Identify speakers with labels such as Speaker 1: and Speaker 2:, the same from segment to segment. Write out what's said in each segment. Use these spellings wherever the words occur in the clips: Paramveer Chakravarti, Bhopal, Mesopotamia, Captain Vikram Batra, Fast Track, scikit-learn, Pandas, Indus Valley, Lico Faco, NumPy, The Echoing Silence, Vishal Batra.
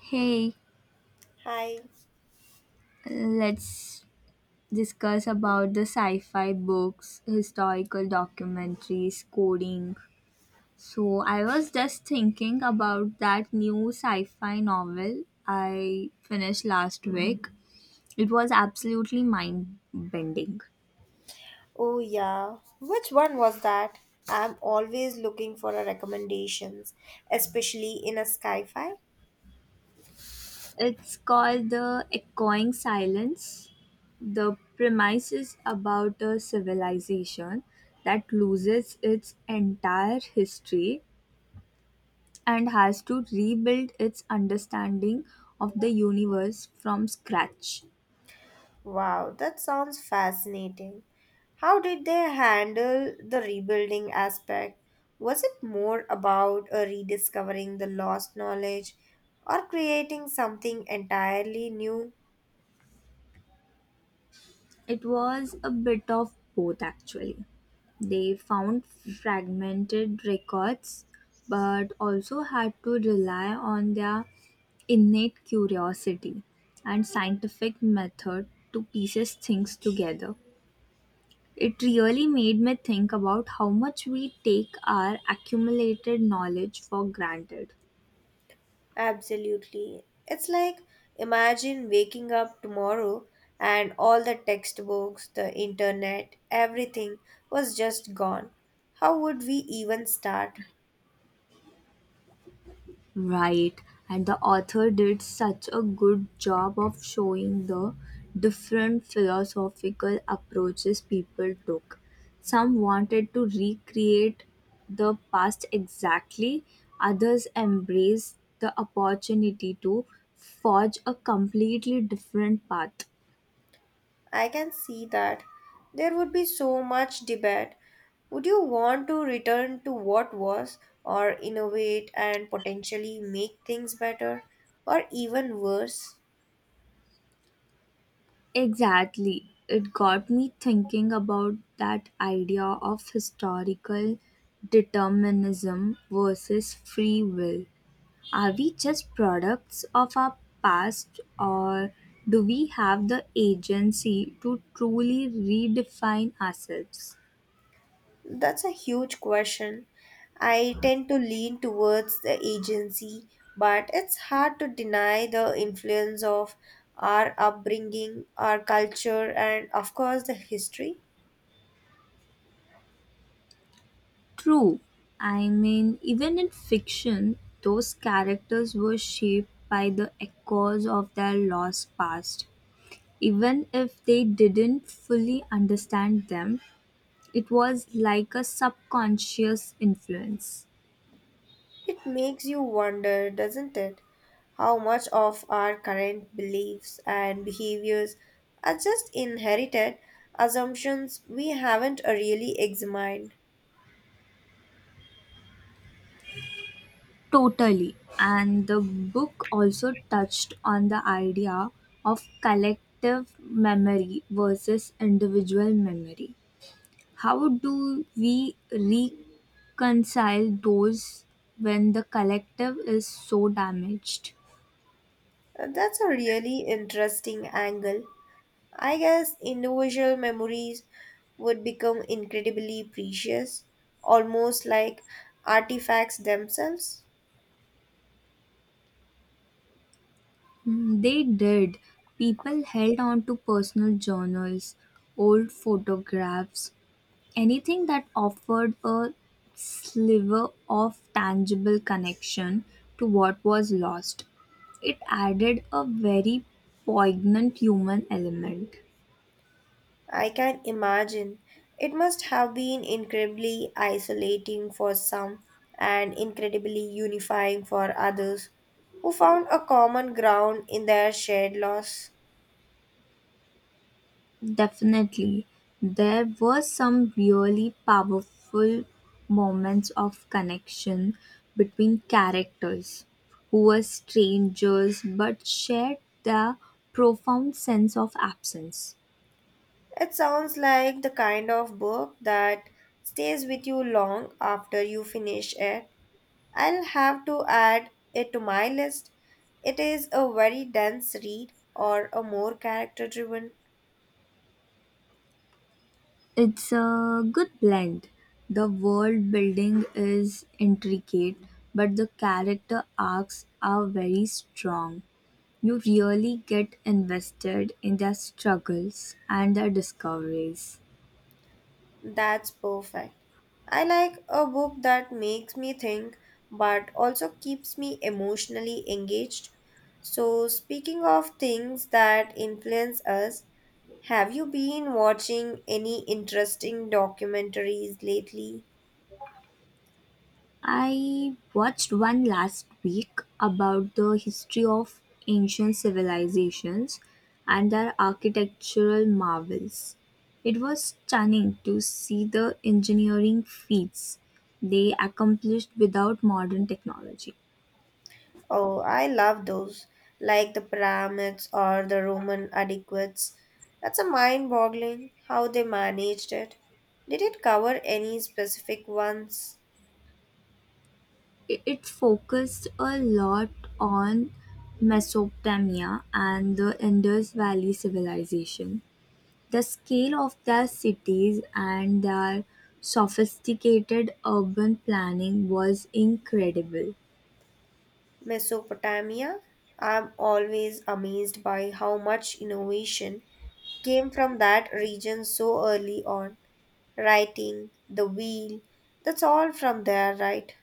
Speaker 1: Hey,
Speaker 2: Hi.
Speaker 1: let's discuss about the sci-fi books, historical documentaries, coding. So I was just thinking about that new sci-fi novel I finished last week. It was absolutely mind-bending.
Speaker 2: Oh, yeah. Which one was that? I'm always looking for a recommendations, especially in a sci-fi.
Speaker 1: It's called The Echoing Silence. The premise is about a civilization that loses its entire history and has to rebuild its understanding of the universe from scratch.
Speaker 2: Wow, that sounds fascinating. How did they handle the rebuilding aspect? Was it more about rediscovering the lost knowledge or creating something entirely new?
Speaker 1: It was a bit of both actually. They found fragmented records but also had to rely on their innate curiosity and scientific method to pieces things together. It really made me think about how much we take our accumulated knowledge for granted.
Speaker 2: Absolutely. It's like imagine waking up tomorrow and all the textbooks, the internet, everything was just gone. How would we even start?
Speaker 1: Right, and the author did such a good job of showing the different philosophical approaches people took. Some wanted to recreate the past exactly, others embraced the opportunity to forge a completely different path.
Speaker 2: I can see that. There would be so much debate. Would you want to return to what was, or innovate and potentially make things better, or even worse?
Speaker 1: Exactly, it got me thinking about that idea of historical determinism versus free will. Are we just products of our past, or do we have the agency to truly redefine ourselves?
Speaker 2: That's a huge question. I tend to lean towards the agency, but it's hard to deny the influence of our upbringing, our culture, and of course the history.
Speaker 1: True. I mean, even in fiction, those characters were shaped by the echoes of their lost past. Even if they didn't fully understand them, it was like a subconscious influence.
Speaker 2: It makes you wonder, doesn't it, how much of our current beliefs and behaviors are just inherited assumptions we haven't really examined.
Speaker 1: Totally. And the book also touched on the idea of collective memory versus individual memory. How do we reconcile those when the collective is so damaged?
Speaker 2: That's a really interesting angle. I guess individual memories would become incredibly precious, almost like artifacts themselves.
Speaker 1: Mm, they did. People held on to personal journals, old photographs, anything that offered a sliver of tangible connection to what was lost. It added a very poignant human element.
Speaker 2: I can imagine it must have been incredibly isolating for some and incredibly unifying for others who found a common ground in their shared loss.
Speaker 1: Definitely, there were some really powerful moments of connection between characters who were strangers but shared their profound sense of absence.
Speaker 2: It sounds like the kind of book that stays with you long after you finish it. I'll have to add it to my list. It is a very dense read or a more character driven.
Speaker 1: It's a good blend. The world building is intricate, but the character arcs are very strong. You really get invested in their struggles and their discoveries.
Speaker 2: That's perfect. I like a book that makes me think but also keeps me emotionally engaged. So, speaking of things that influence us, have you been watching any interesting documentaries lately?
Speaker 1: I watched one last week about the history of ancient civilizations and their architectural marvels. It was stunning to see the engineering feats they accomplished without modern technology.
Speaker 2: Oh, I love those, like the pyramids or the Roman aqueducts. That's a mind boggling how they managed it. Did it cover any specific ones?
Speaker 1: It focused a lot on Mesopotamia and the Indus Valley civilization. The scale of their cities and their sophisticated urban planning was incredible.
Speaker 2: Mesopotamia? I'm always amazed by how much innovation came from that region so early on. Writing, the wheel, that's all from there, right?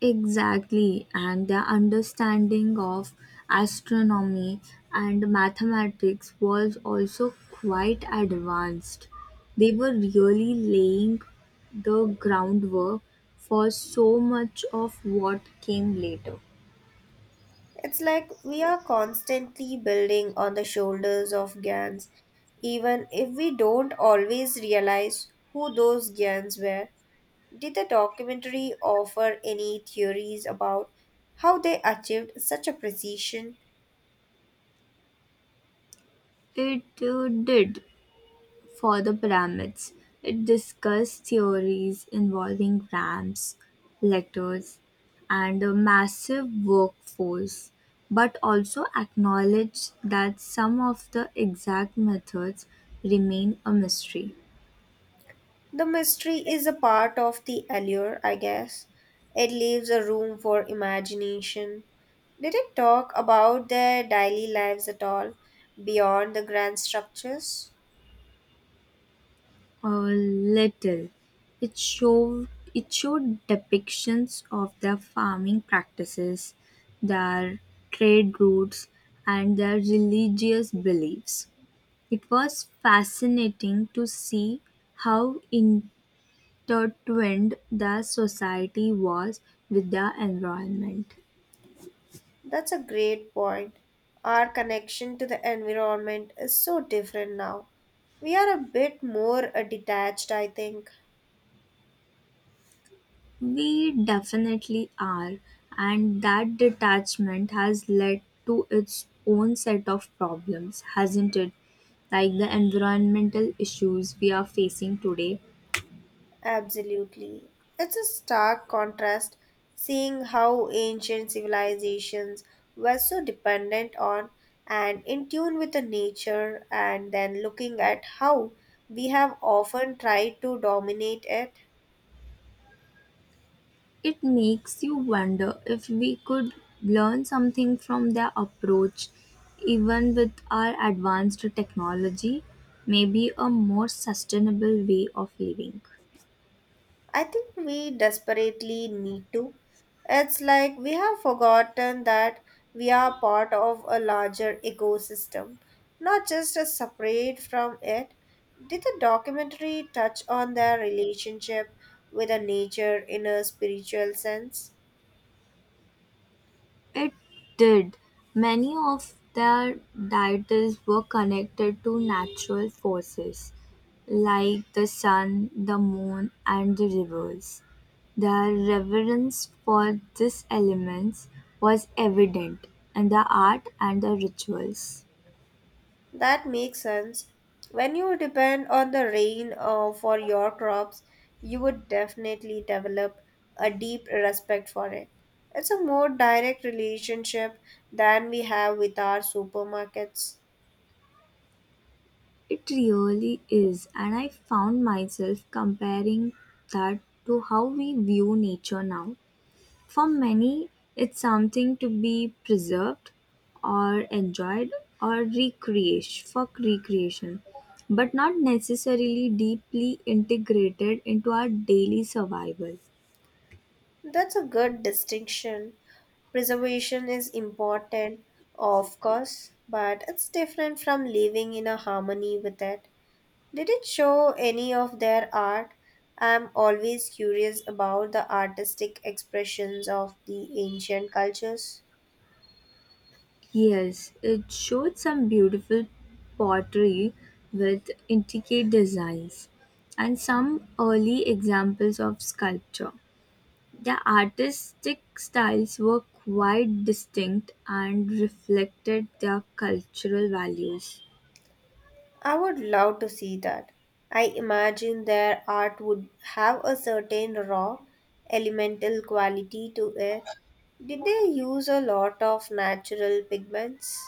Speaker 1: Exactly, and their understanding of astronomy and mathematics was also quite advanced. They were really laying the groundwork for so much of what came later.
Speaker 2: It's like we are constantly building on the shoulders of giants, even if we don't always realize who those giants were. Did the documentary offer any theories about how they achieved such a precision?
Speaker 1: It did. For the pyramids. It discussed theories involving ramps, letters, and a massive workforce, but also acknowledged that some of the exact methods remain a mystery.
Speaker 2: The mystery is a part of the allure, I guess. It leaves a room for imagination. Did it talk about their daily lives at all, beyond the grand structures?
Speaker 1: A little. It showed it showed depictions of their farming practices, their trade routes, and their religious beliefs. It was fascinating to see how intertwined the society was with the environment.
Speaker 2: That's a great point. Our connection to the environment is so different now. We are a bit more detached, I think.
Speaker 1: We definitely are, and that detachment has led to its own set of problems, hasn't it? Like the environmental issues we are facing today.
Speaker 2: Absolutely. It's a stark contrast seeing how ancient civilizations were so dependent on and in tune with the nature, and then looking at how we have often tried to dominate it.
Speaker 1: It makes you wonder if we could learn something from their approach, even with our advanced technology, maybe a more sustainable way of living.
Speaker 2: I think we desperately need to. It's like we have forgotten that we are part of a larger ecosystem, not just a separate from it. Did the documentary touch on their relationship with the nature in a spiritual sense?
Speaker 1: It did; many of their deities were connected to natural forces, like the sun, the moon, and the rivers. Their reverence for these elements was evident in the art and the rituals.
Speaker 2: That makes sense. When you depend on the rain for your crops, you would definitely develop a deep respect for it. It's a more direct relationship than we have with our supermarkets.
Speaker 1: It really is, and I found myself comparing that to how we view nature now. For many, it's something to be preserved or enjoyed or recreation for recreation, but not necessarily deeply integrated into our daily survival.
Speaker 2: That's a good distinction. Preservation is important, of course, but it's different from living in a harmony with it. Did it show any of their art? I'm always curious about the artistic expressions of the ancient cultures.
Speaker 1: Yes, it showed some beautiful pottery with intricate designs and some early examples of sculpture. The artistic styles were quite distinct and reflected their cultural values.
Speaker 2: I would love to see that. I imagine their art would have a certain raw, elemental quality to it. Did they use a lot of natural pigments?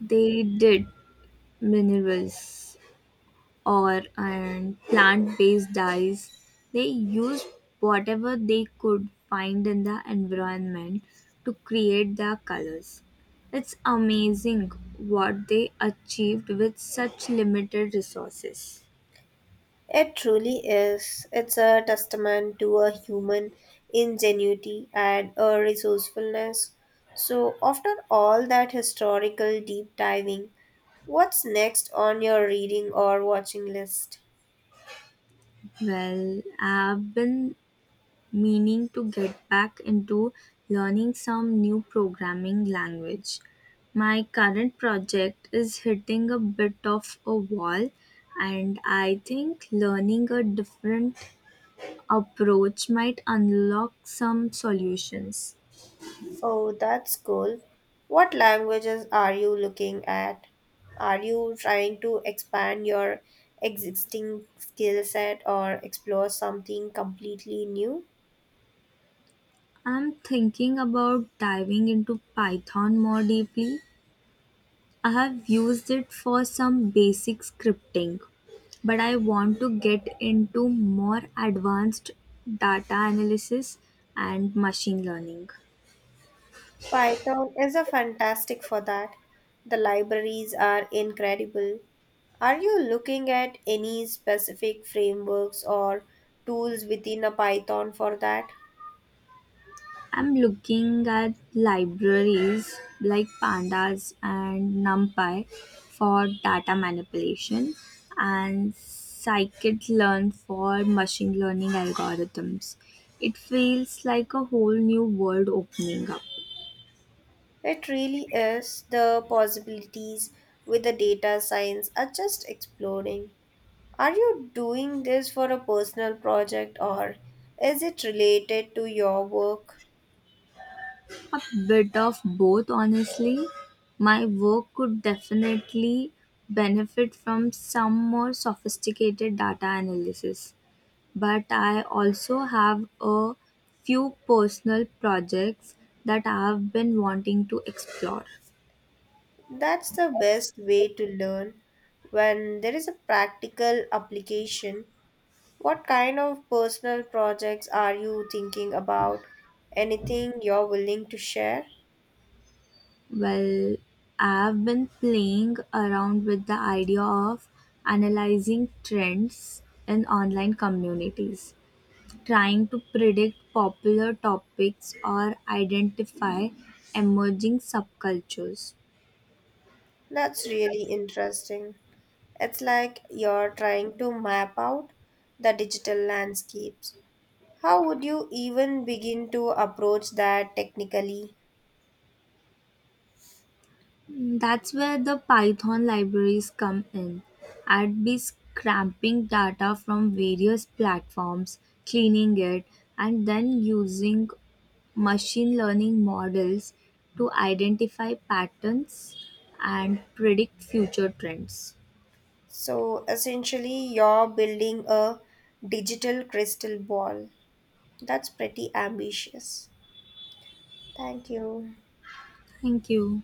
Speaker 1: They did minerals or and plant-based dyes. They used whatever they could find in the environment to create their colors. It's amazing what they achieved with such limited resources.
Speaker 2: It truly is. It's a testament to a human ingenuity and a resourcefulness. So, after all that historical deep diving, what's next on your reading or watching list?
Speaker 1: Well, I've been meaning to get back into learning some new programming language. My current project is hitting a bit of a wall, and I think learning a different approach might unlock some solutions.
Speaker 2: Oh, that's cool. What languages are you looking at? Are you trying to expand your existing skill set or explore something completely new?
Speaker 1: I'm thinking about diving into Python more deeply. I have used it for some basic scripting, but I want to get into more advanced data analysis and machine learning.
Speaker 2: Python is a fantastic for that. The libraries are incredible. Are you looking at any specific frameworks or tools within a Python for that?
Speaker 1: I'm looking at libraries like Pandas and NumPy for data manipulation and scikit-learn for machine learning algorithms. It feels like a whole new world opening up.
Speaker 2: It really is. The possibilities with the data science are just exploding. Are you doing this for a personal project or is it related to your work?
Speaker 1: A bit of both, honestly. My work could definitely benefit from some more sophisticated data analysis, but I also have a few personal projects that I've been wanting to explore.
Speaker 2: That's the best way to learn when there is a practical application. What kind of personal projects are you thinking about? Anything you're willing to share?
Speaker 1: Well, I've been playing around with the idea of analyzing trends in online communities. Trying to predict popular topics or identify emerging subcultures.
Speaker 2: That's really interesting. It's like you're trying to map out the digital landscapes. How would you even begin to approach that technically?
Speaker 1: That's where the Python libraries come in. I'd be scraping data from various platforms, cleaning it, and then using machine learning models to identify patterns and predict future trends.
Speaker 2: So, essentially, you're building a digital crystal ball. That's pretty ambitious. Thank you.
Speaker 1: Thank you.